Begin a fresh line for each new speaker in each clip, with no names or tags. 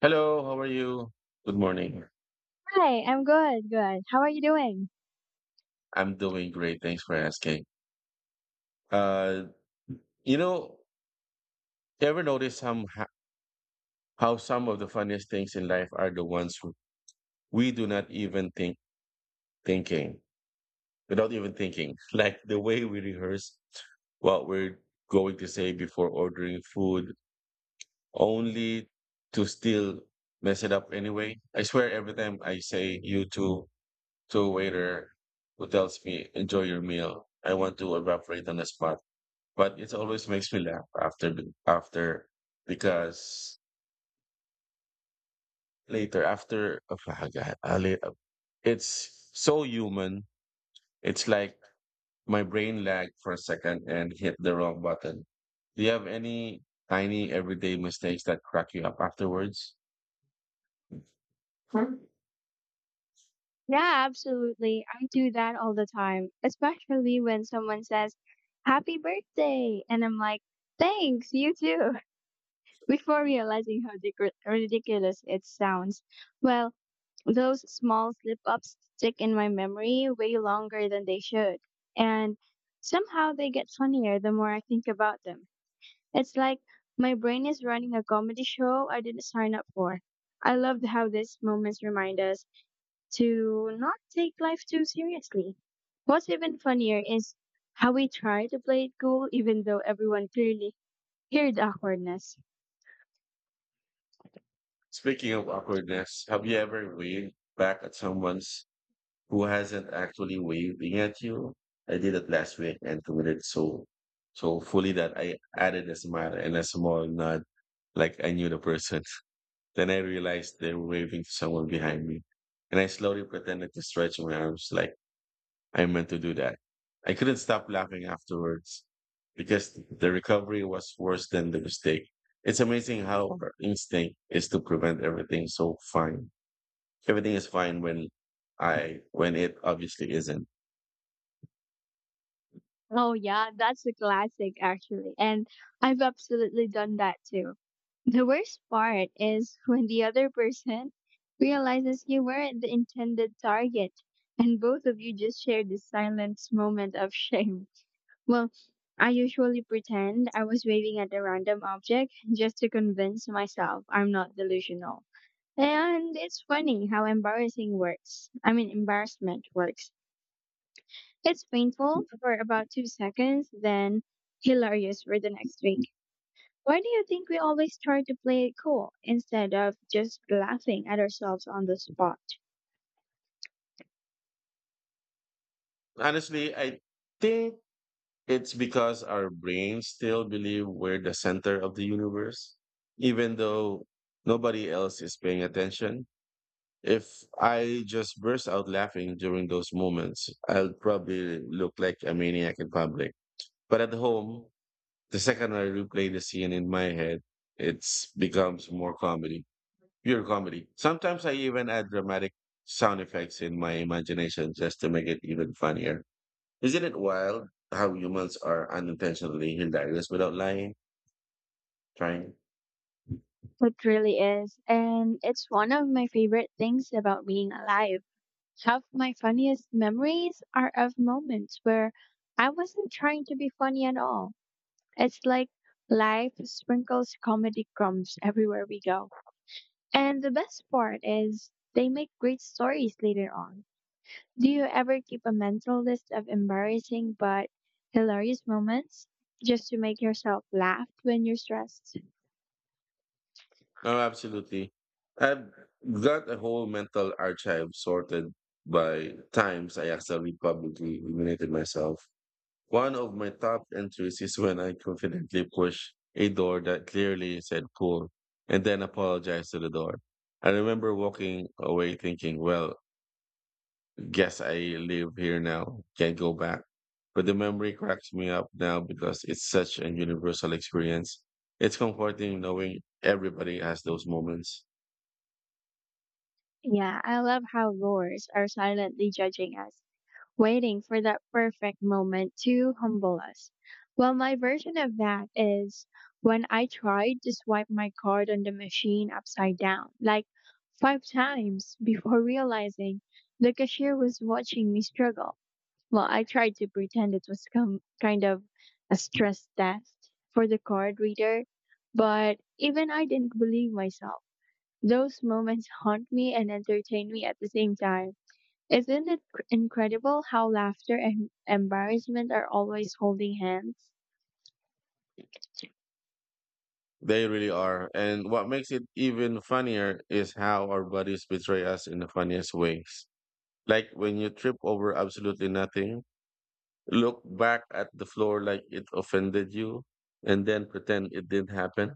Hello, how are you? Good morning.
Hi, I'm good. How are you doing?
I'm doing great. Thanks for asking. Uh, you know, ever notice how some of the funniest things in life are the ones we do not even think thinking without even thinking, like the way we rehearse what we're going to say before ordering food, only to still mess it up anyway. I swear, every time I say "you too," to a waiter who tells me, enjoy your meal. I want to evaporate on the spot. But it always makes me laugh after, after, because later, after, oh my God, it's so human. It's like my brain lagged for a second and hit the wrong button. Do you have any tiny everyday mistakes that crack you up afterwards? Hmm.
Yeah, absolutely. I do that all the time, especially when someone says, "Happy birthday!" And I'm like, "Thanks, you too," before realizing how ridiculous it sounds. Well, those small slip ups stick in my memory way longer than they should. And somehow they get funnier the more I think about them. It's like my brain is running a comedy show I didn't sign up for. I loved how these moments remind us to not take life too seriously. What's even funnier is how we try to play it cool even though everyone clearly heard awkwardness.
Speaking of awkwardness, have you ever waved back at someone's who hasn't actually waving at you. I did it last week and committed so fully that I added a smile and a small nod like I knew the person. Then I realized they were waving to someone behind me. And I slowly pretended to stretch my arms like I meant to do that. I couldn't stop laughing afterwards because the recovery was worse than the mistake. It's amazing how our instinct is to prevent everything so fine. Everything is fine when it obviously isn't.
Oh yeah, that's a classic actually. And I've absolutely done that too. The worst part is when the other person realizes you weren't the intended target and both of you just shared this silent moment of shame. Well, I usually pretend I was waving at a random object just to convince myself I'm not delusional. And it's funny how embarrassing works. I mean, embarrassment works. It's painful for about 2 seconds, then hilarious for the next week. Why do you think we always try to play it cool instead of just laughing at ourselves on the spot?
Honestly, I think it's because our brains still believe we're the center of the universe, even though nobody else is paying attention. If I just burst out laughing during those moments, I'll probably look like a maniac in public. But at home, the second I replay the scene in my head, it becomes more comedy, pure comedy. Sometimes I even add dramatic sound effects in my imagination just to make it even funnier. Isn't it wild how humans are unintentionally hilarious without trying?
It really is, and it's one of my favorite things about being alive. Half my funniest memories are of moments where I wasn't trying to be funny at all. It's like life sprinkles comedy crumbs everywhere we go. And the best part is, they make great stories later on. Do you ever keep a mental list of embarrassing but hilarious moments just to make yourself laugh when you're stressed?
No, absolutely. I've got a whole mental archive sorted by times I accidentally publicly humiliated myself. One of my top entries is when I confidently push a door that clearly said cool and then apologize to the door. I remember walking away thinking, well, guess I live here now, can't go back. But the memory cracks me up now because it's such a universal experience. It's comforting knowing everybody has those moments.
Yeah, I love how roars are silently judging us, waiting for that perfect moment to humble us. Well, my version of that is when I tried to swipe my card on the machine upside down, like five times, before realizing the cashier was watching me struggle. Well, I tried to pretend it was kind of a stress test for the card reader, but even I didn't believe myself. Those moments haunt me and entertain me at the same time. Isn't it incredible how laughter and embarrassment are always holding hands?
They really are. And what makes it even funnier is how our bodies betray us in the funniest ways. Like when you trip over absolutely nothing, look back at the floor like it offended you and then pretend it didn't happen.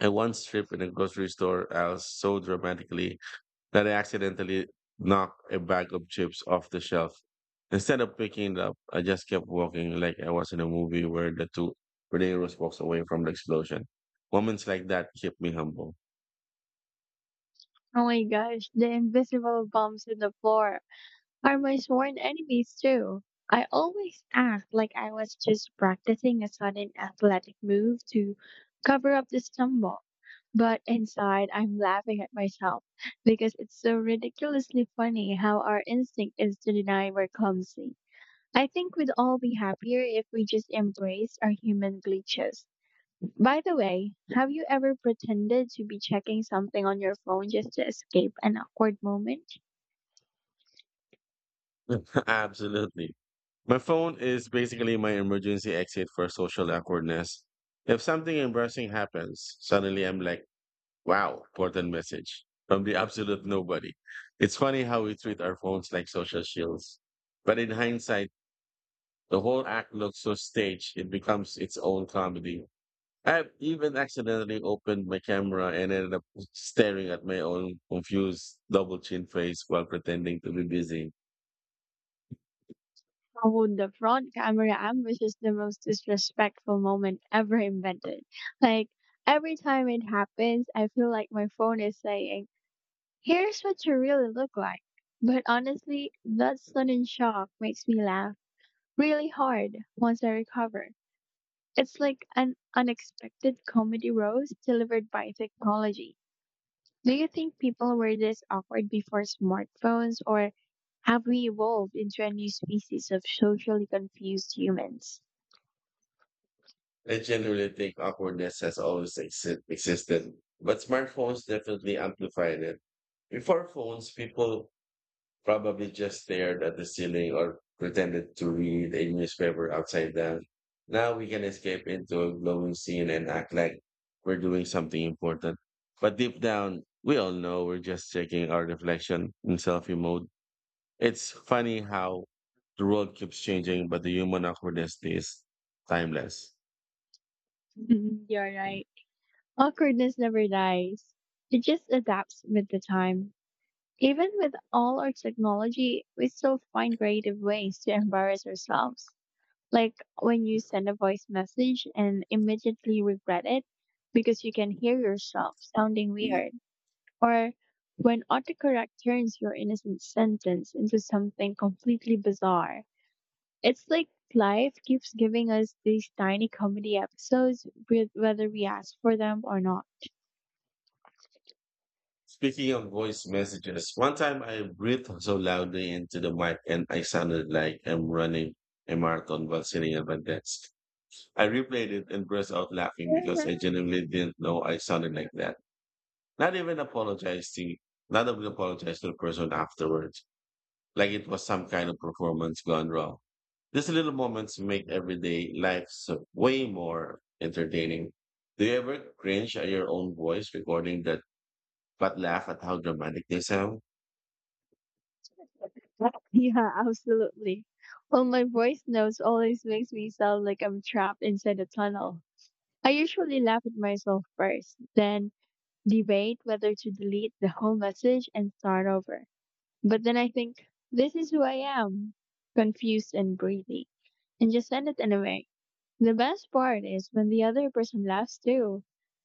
I once tripped in a grocery store aisle so dramatically that I accidentally knocked a bag of chips off the shelf. Instead of picking it up, I just kept walking like I was in a movie where the heroes walks away from the explosion. Moments like that keep me humble.
Oh my gosh, the invisible bumps in the floor are my sworn enemies too. I always act like I was just practicing a sudden athletic move to cover up the stumble. But inside, I'm laughing at myself because it's so ridiculously funny how our instinct is to deny we're clumsy. I think we'd all be happier if we just embraced our human glitches. By the way, have you ever pretended to be checking something on your phone just to escape an awkward moment?
Absolutely. My phone is basically my emergency exit for social awkwardness. If something embarrassing happens, suddenly I'm like, wow, what a message from the absolute nobody. It's funny how we treat our phones like social shields. But in hindsight, the whole act looks so staged, it becomes its own comedy. I've even accidentally opened my camera and ended up staring at my own confused double chin face while pretending to be busy.
Oh, the front camera ambush is the most disrespectful moment ever invented. Like, every time it happens, I feel like my phone is saying, "Here's what you really look like." But honestly, that sudden shock makes me laugh really hard once I recover. It's like an unexpected comedy roast delivered by technology. Do you think people were this awkward before smartphones, or have we evolved into a new species of socially confused humans?
I generally think awkwardness has always existed, but smartphones definitely amplified it. Before phones, people probably just stared at the ceiling or pretended to read a newspaper upside down. Now we can escape into a glowing scene and act like we're doing something important. But deep down, we all know we're just checking our reflection in selfie mode. It's funny how the world keeps changing, but the human awkwardness is timeless.
Mhm. You're right. Awkwardness never dies, it just adapts with the time. Even with all our technology, we still find creative ways to embarrass ourselves, like when you send a voice message and immediately regret it because you can hear yourself sounding weird, or when autocorrect turns your innocent sentence into something completely bizarre. It's like life keeps giving us these tiny comedy episodes, whether we ask for them or not.
Speaking of voice messages, one time I breathed so loudly into the mic and I sounded like I'm running a marathon while sitting at my desk. I replayed it and burst out laughing because I genuinely didn't know I sounded like that. Not even apologized to, not even apologized to the person afterwards, like it was some kind of performance gone wrong. These little moments make everyday life so way more entertaining. Do you ever cringe at your own voice recording that but laugh at how dramatic they sound?
Yeah, absolutely. Well, my voice notes always makes me sound like I'm trapped inside a tunnel. I usually laugh at myself first, then debate whether to delete the whole message and start over. But then I think, this is who I am, confused and breathy, and just send it anyway. The best part is when the other person laughs too,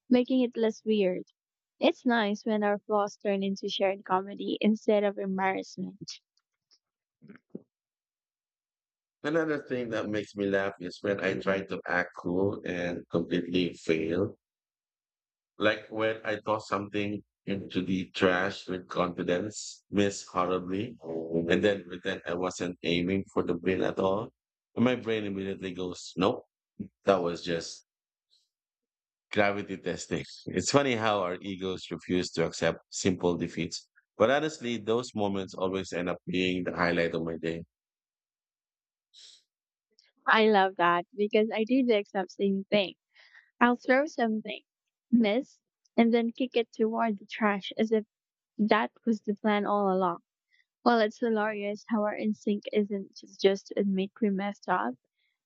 making it less weird. It's nice when our flaws turn into shared comedy instead of embarrassment.
Another thing that makes me laugh is when I try to act cool and completely fail. Like when I toss something into the trash with confidence, miss horribly, and then pretend I wasn't aiming for the bin at all. And my brain immediately goes, nope, that was just gravity testing. It's funny how our egos refuse to accept simple defeats. But honestly, those moments always end up being the highlight of my day.
I love that because I do the exact same thing. I'll throw something, miss, and then kick it toward the trash as if that was the plan all along. Well, it's hilarious how our instinct isn't to just admit we messed up,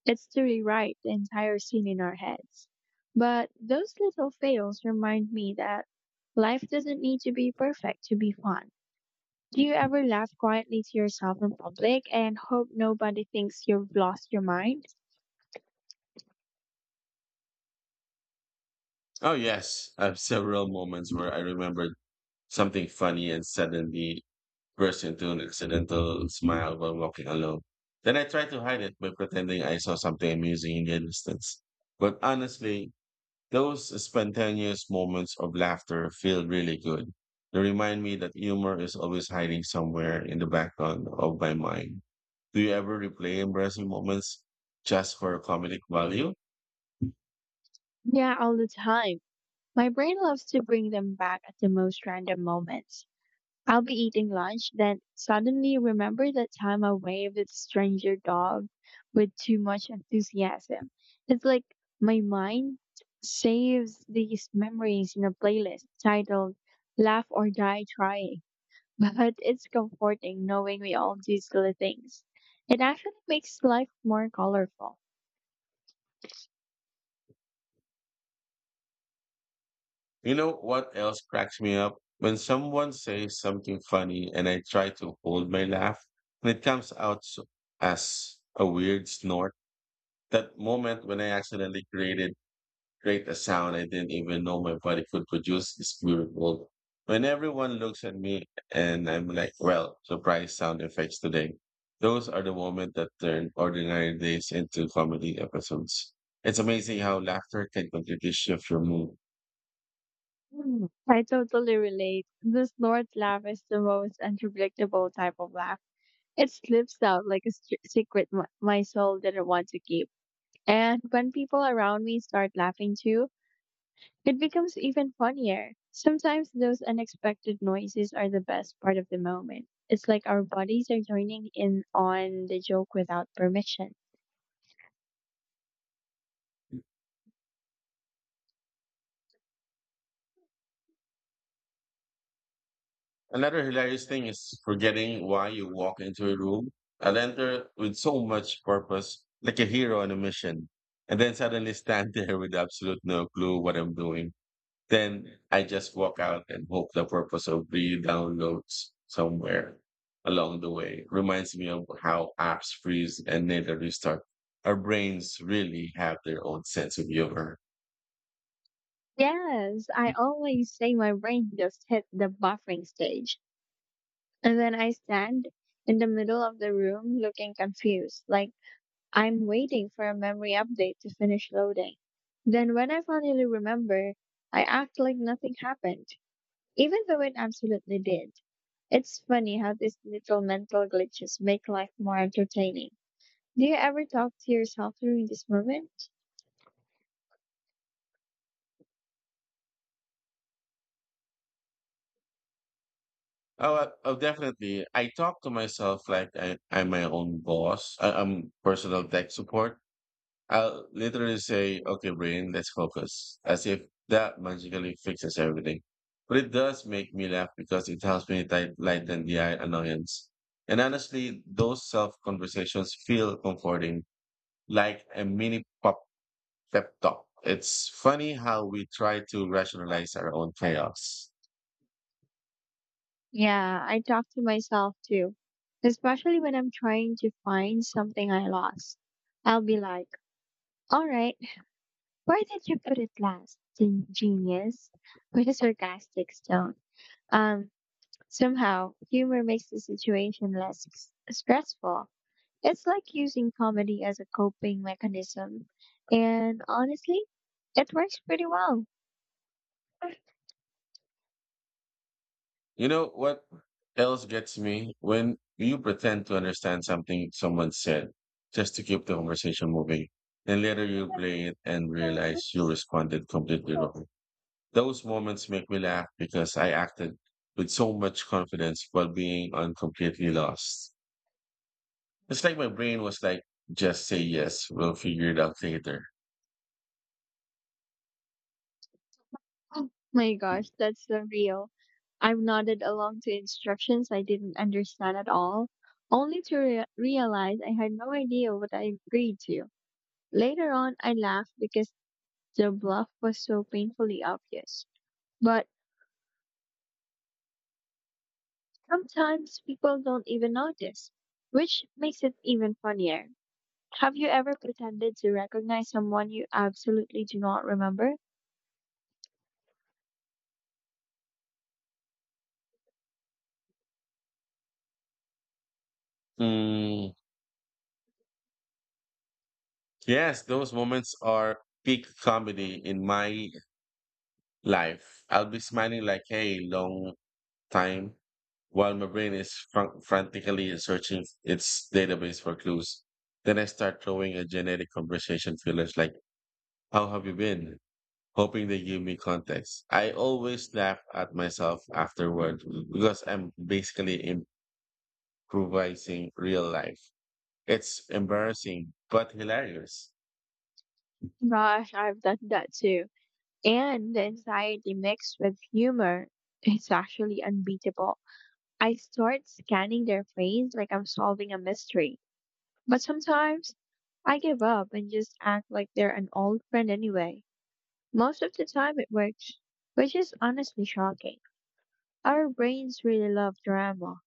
it's to rewrite the entire scene in our heads. But those little fails remind me that life doesn't need to be perfect to be fun. Do you ever laugh quietly to yourself in public and hope nobody thinks you've lost your mind?
Oh, yes. I have several moments where I remembered something funny and suddenly burst into an accidental smile while walking alone. Then I tried to hide it by pretending I saw something amusing in the distance. But honestly, those spontaneous moments of laughter feel really good. They remind me that humor is always hiding somewhere in the background of my mind. Do you ever replay embarrassing moments just for comedic value?
Yeah, all the time. My brain loves to bring them back at the most random moments. I'll be eating lunch, then suddenly remember that time I waved at a stranger dog with too much enthusiasm. It's like my mind saves these memories in a playlist titled "Laugh or Die Trying." But it's comforting knowing we all do silly things. It actually makes life more colorful.
You know what else cracks me up? When someone says something funny and I try to hold my laugh, and it comes out as a weird snort. That moment when I accidentally create a sound I didn't even know my body could produce is beautiful. When everyone looks at me and I'm like, well, surprise sound effects today. Those are the moments that turn ordinary days into comedy episodes. It's amazing how laughter can completely shift your mood.
Hmm, I totally relate. This Lord's laugh is the most unpredictable type of laugh. It slips out like a str secret m my soul didn't want to keep. And when people around me start laughing too, it becomes even funnier. Sometimes those unexpected noises are the best part of the moment. It's like our bodies are joining in on the joke without permission.
Another hilarious thing is forgetting why you walk into a room. I'll enter with so much purpose, like a hero on a mission, and then suddenly stand there with absolute no clue what I'm doing. Then I just walk out and hope the purpose of the downloads somewhere along the way reminds me of how apps freeze and later restart. Our brains really have their own sense of humor.
Yes, I always say my brain just hit the buffering stage. And then I stand in the middle of the room looking confused, like I'm waiting for a memory update to finish loading. Then when I finally remember, I act like nothing happened, even though it absolutely did. It's funny how these little mental glitches make life more entertaining. Do you ever talk to yourself during this moment?
Oh, definitely. I talk to myself like I'm my own boss. I'm personal tech support. I'll literally say, okay, brain, let's focus, as if that magically fixes everything. But it does make me laugh because it helps me lighten the eye annoyance. And honestly, those self conversations feel comforting, like a mini pop pep talk. It's funny how we try to rationalize our own chaos.
Yeah, I talk to myself too, especially when I'm trying to find something I lost. I'll be like, all right, where did you put it last, genius? With a sarcastic tone. Um, Somehow, humor makes the situation less stressful. It's like using comedy as a coping mechanism. And honestly, it works pretty well.
You know what else gets me? When you pretend to understand something someone said just to keep the conversation moving, and later you play it and realize you responded completely wrong. Those moments make me laugh because I acted with so much confidence while being on completely lost. It's like my brain was like, just say yes, we'll figure it out later.
Oh my gosh, that's surreal. I've nodded along to instructions I didn't understand at all, only to realize I had no idea what I agreed to. Later on, I laughed because the bluff was so painfully obvious. But sometimes people don't even notice, which makes it even funnier. Have you ever pretended to recognize someone you absolutely do not remember?
Mm, yes, those moments are peak comedy in my life. I'll be smiling like, hey, long time while my brain is frantically searching its database for clues. Then I start throwing a generic conversation fillers like, how have you been? Hoping they give me context. I always laugh at myself afterward because I'm basically improvising real life. It's embarrassing, but hilarious.
Gosh, I've done that too. And the anxiety mixed with humor is actually unbeatable. I start scanning their face like I'm solving a mystery. But sometimes I give up and just act like they're an old friend anyway. Most of the time it works, which is honestly shocking. Our brains really love drama.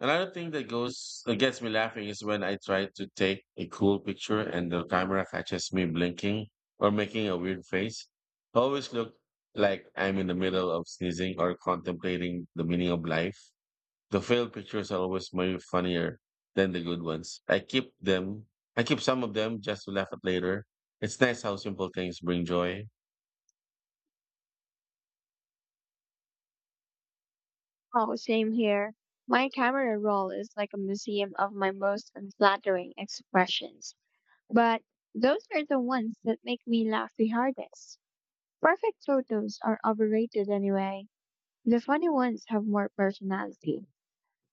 Another thing that gets me laughing is when I try to take a cool picture and the camera catches me blinking or making a weird face. I always look like I'm in the middle of sneezing or contemplating the meaning of life. The failed pictures are always way funnier than the good ones. I keep some of them just to laugh at later. It's nice how simple things bring joy.
Oh, same here. My camera roll is like a museum of my most unflattering expressions. But those are the ones that make me laugh the hardest. Perfect photos are overrated anyway. The funny ones have more personality.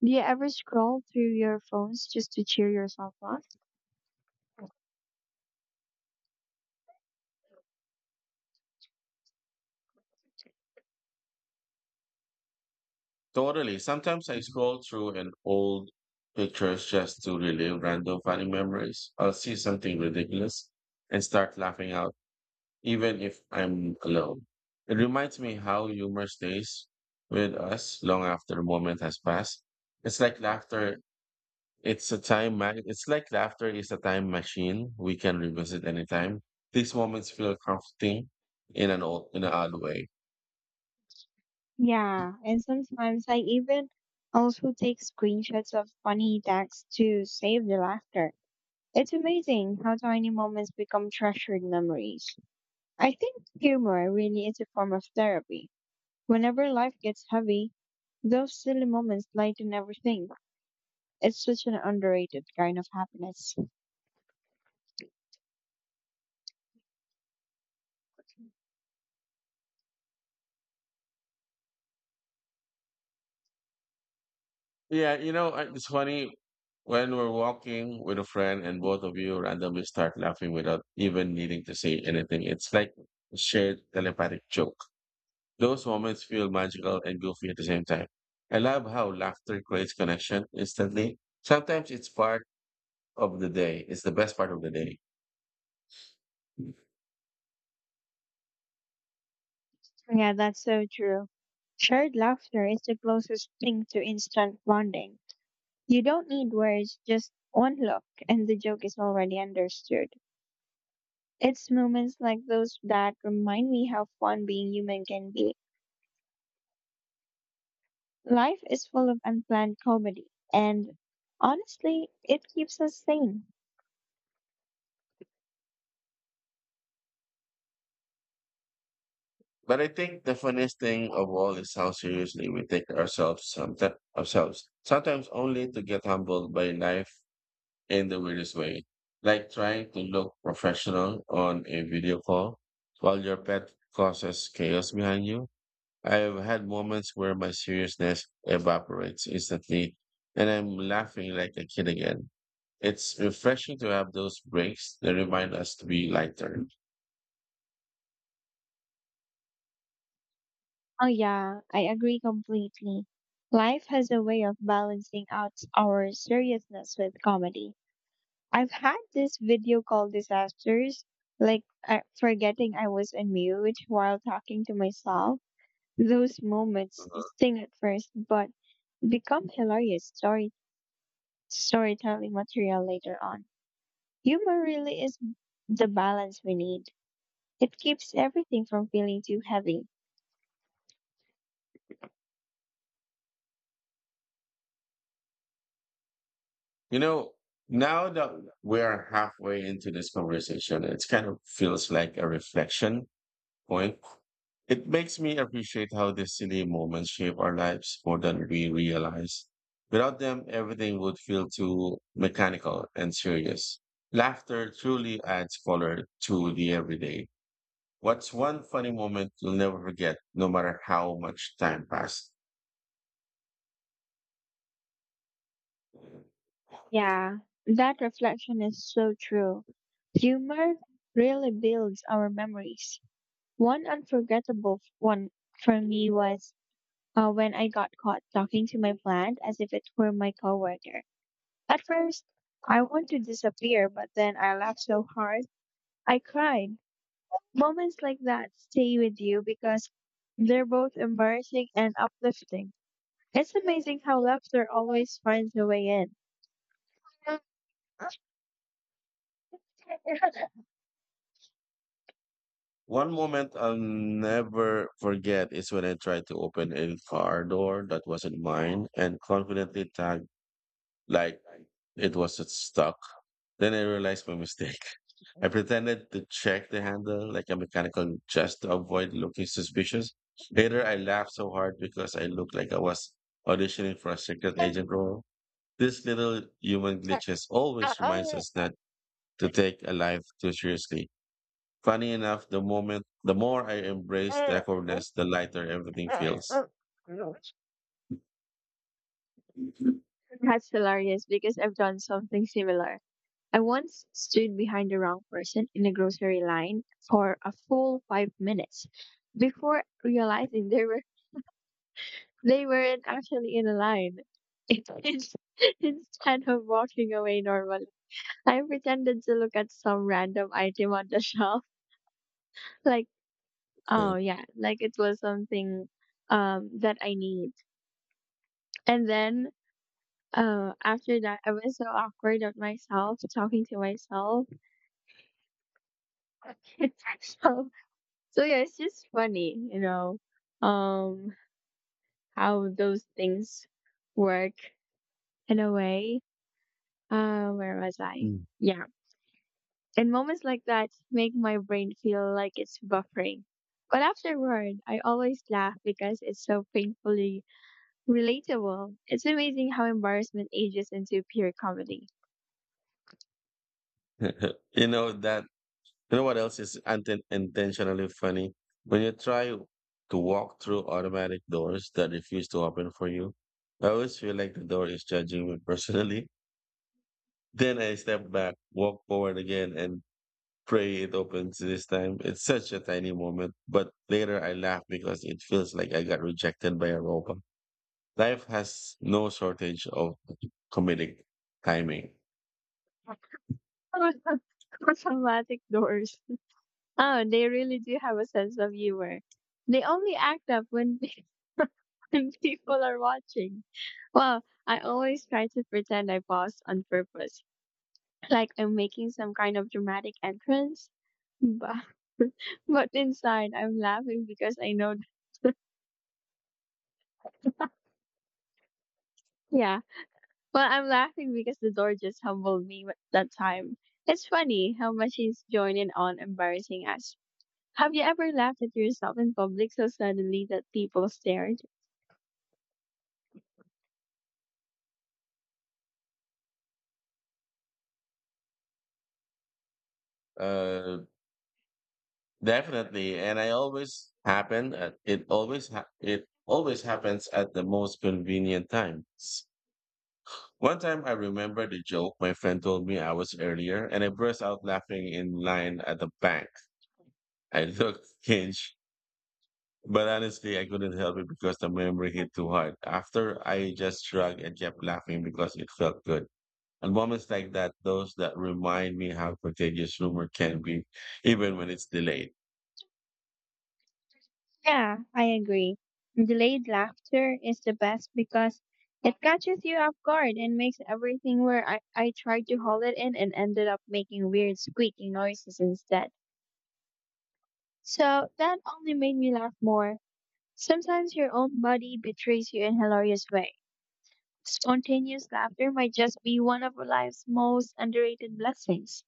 Do you ever scroll through your phones just to cheer yourself up?
Totally. Sometimes I scroll through an old pictures just to relive random funny memories. I'll see something ridiculous and start laughing out, even if I'm alone. It reminds me how humor stays with us long after the moment has passed. It's like laughter. It's like laughter is a time machine we can revisit anytime. These moments feel comforting in an odd way.
Yeah, and sometimes I even also take screenshots of funny texts to save the laughter. It's amazing how tiny moments become treasured memories. I think humor really is a form of therapy. Whenever life gets heavy, those silly moments lighten everything. It's such an underrated kind of happiness.
Yeah, it's funny when we're walking with a friend and both of you randomly start laughing without even needing to say anything. It's like a shared telepathic joke. Those moments feel magical and goofy at the same time. I love how laughter creates connection instantly. Sometimes it's part of the day. It's the best part of the day.
Yeah, that's so true. Shared laughter is the closest thing to instant bonding. You don't need words, just one look, and the joke is already understood. It's moments like those that remind me how fun being human can be. Life is full of unplanned comedy, and honestly, it keeps us sane.
But I think the funniest thing of all is how seriously we take ourselves. Sometimes only to get humbled by life in the weirdest way. Like trying to look professional on a video call while your pet causes chaos behind you. I've had moments where my seriousness evaporates instantly and I'm laughing like a kid again. It's refreshing to have those breaks that remind us to be lighter.
Oh, yeah, I agree completely. Life has a way of balancing out our seriousness with comedy. I've had this video call disasters, like I, forgetting I was on mute while talking to myself. Those moments sting at first, but become hilarious storytelling material later on. Humor really is the balance we need. It keeps everything from feeling too heavy.
You know, now that we are halfway into this conversation, it kind of feels like a reflection point. It makes me appreciate how these silly moments shape our lives more than we realize. Without them, everything would feel too mechanical and serious. Laughter truly adds color to the everyday. What's one funny moment you'll never forget, no matter how much time passed?
Yeah, that reflection is so true. Humor really builds our memories. One for me was when I got caught talking to my plant as if it were my coworker. At first, I wanted to disappear, but then I laughed so hard, I cried. Moments like that stay with you because they're both embarrassing and uplifting. It's amazing how laughter always finds a way in.
One moment I'll never forget is when I tried to open a car door that wasn't mine and confidently tagged like it was stuck. Then I realized my mistake. I pretended to check the handle like a mechanical just to avoid looking suspicious. Later, I laughed so hard because I looked like I was auditioning for a secret agent role. This little human glitches always reminds us not to take a life too seriously. Funny enough, the moment, the more I embrace the awkwardness, the lighter everything feels.
That's hilarious because I've done something similar. I once stood behind the wrong person in a grocery line for a full 5 minutes before realizing they weren't actually in a line. Ins- Instead of walking away normally, I pretended to look at some random item on the shelf, like
Yeah.
oh yeah, like it was something that I need. And then oh, after that, I was so awkward of myself talking to myself. It's so, so yeah, it's just funny, um, how those things work in a way. Where was I?
Mm.
Yeah. And moments like that make my brain feel like it's buffering. But afterward, I always laugh because it's so painfully relatable. It's amazing how embarrassment ages into pure comedy.
You know that. You know what else is intentionally funny? When you try to walk through automatic doors that refuse to open for you, I always feel like the door is judging me personally. Then I step back, walk forward again, and pray it opens this time. It's such a tiny moment, but later I laugh because it feels like I got rejected by a robot. Life has no shortage of comedic timing.
Automatic doors. Oh, they really do have a sense of humor. They only act up when when people are watching. Well, I always try to pretend I paused on purpose, like I'm making some kind of dramatic entrance. But, but inside, I'm laughing because I know, yeah. Well, I'm laughing because the door just humbled me that time. It's funny how much he's joining on embarrassing us. Have you ever laughed at yourself in public so suddenly that people stared?
Uh, Definitely, and I always happen at it. It always happens at the most convenient times. One time, I remember the joke my friend told me I was earlier, and I burst out laughing in line at the bank. I looked cringe, but honestly, I couldn't help it because the memory hit too hard. After, I just shrugged and kept laughing because it felt good. And moments like that, those that remind me how contagious rumor can be, even when it's delayed.
Yeah, I agree. Delayed laughter is the best because it catches you off guard and makes everything where I tried to hold it in and ended up making weird squeaking noises instead. So that only made me laugh more. Sometimes your own body betrays you in hilarious way. Spontaneous laughter might just be one of life's most underrated blessings.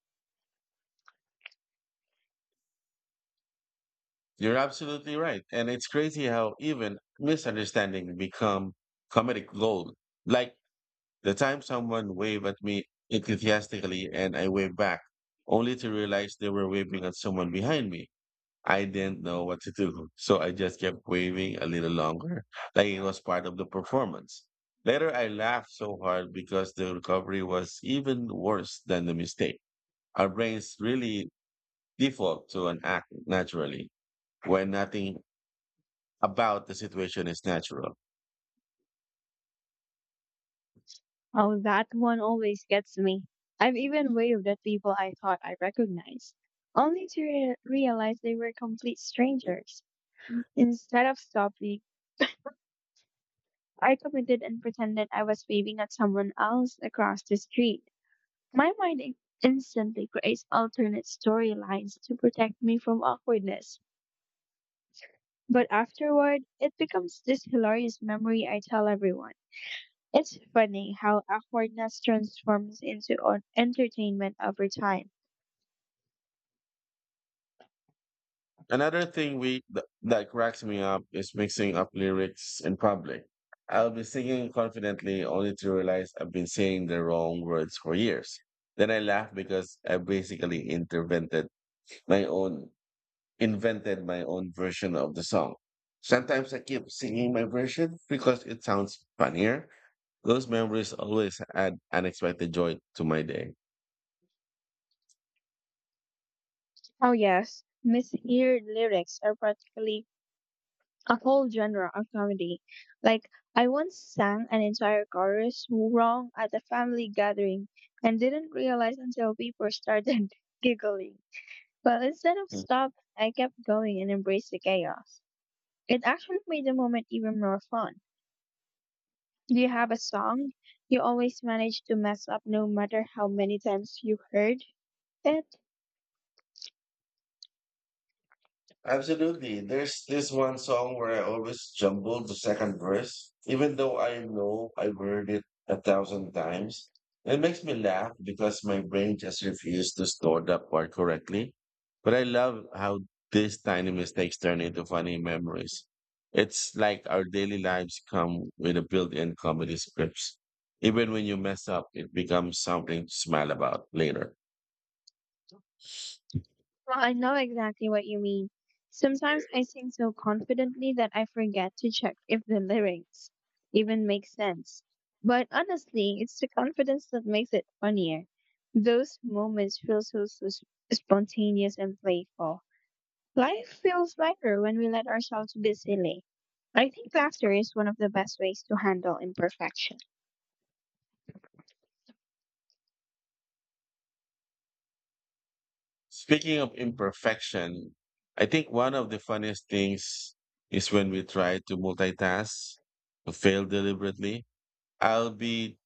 You're absolutely right. And it's crazy how even misunderstanding become comedic gold. Like the time someone waved at me enthusiastically and I waved back, only to realize they were waving at someone behind me. I didn't know what to do, so I just kept waving a little longer, like it was part of the performance. Later, I laughed so hard because the recovery was even worse than the mistake. Our brains really default to an act naturally when nothing about the situation is natural.
Oh, that one always gets me. I've even waved at people I thought I recognized, only to realize they were complete strangers. Instead of stopping, I committed and pretended I was waving at someone else across the street. My mind instantly creates alternate storylines to protect me from awkwardness. But afterward, it becomes this hilarious memory I tell everyone. It's funny how awkwardness transforms into entertainment over time.
Another thing that cracks me up is mixing up lyrics in public. I'll be singing confidently only to realize I've been saying the wrong words for years. Then I laugh because I basically intervented my own invented my own version of the song. Sometimes I keep singing my version because it sounds funnier. Those memories always add unexpected joy to my day.
Oh yes, misheard lyrics are practically a whole genre of comedy. Like I once sang an entire chorus wrong at a family gathering and didn't realize until people started giggling. Well, instead of stop, I kept going and embraced the chaos. It actually made the moment even more fun. Do you have a song you always manage to mess up no matter how many times you heard it?
Absolutely. There's this one song where I always jumble the second verse, even though I know I've heard it a thousand times. It makes me laugh because my brain just refused to store that part correctly. But I love how these tiny mistakes turn into funny memories. It's like our daily lives come with a built-in comedy scripts. Even when you mess up, it becomes something to smile about later.
Well, I know exactly what you mean. Sometimes I sing so confidently that I forget to check if the lyrics even make sense. But honestly, it's the confidence that makes it funnier. Those moments feel so, so spontaneous and playful. Life feels lighter when we let ourselves be silly. I think laughter is one of the best ways to handle imperfection.
Speaking of imperfection, I think one of the funniest things is when we try to multitask, to fail deliberately. I'll be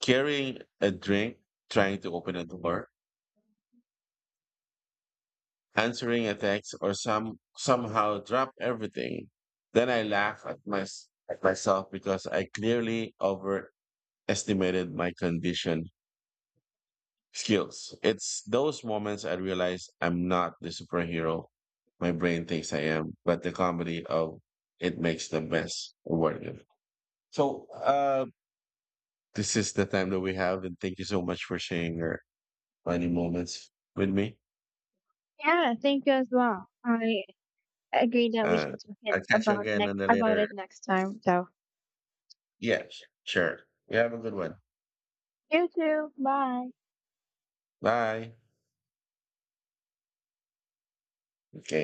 carrying a drink, trying to open a door, answering a text, or somehow drop everything. Then I laugh at my at myself because I clearly overestimated my condition. Skills. It's those moments I realize I'm not the superhero my brain thinks I am, but the comedy of it makes the best worth it. So this is the time that we have, and thank you so much for sharing your funny moments with me.
Yeah, thank you as well. I agree that we
Uh,
should talk it
I'll catch you
about
again
next
on the
about
later.
it next time, though.
Yeah, sure. You have a good one.
You too. Bye.
Bye. Okay.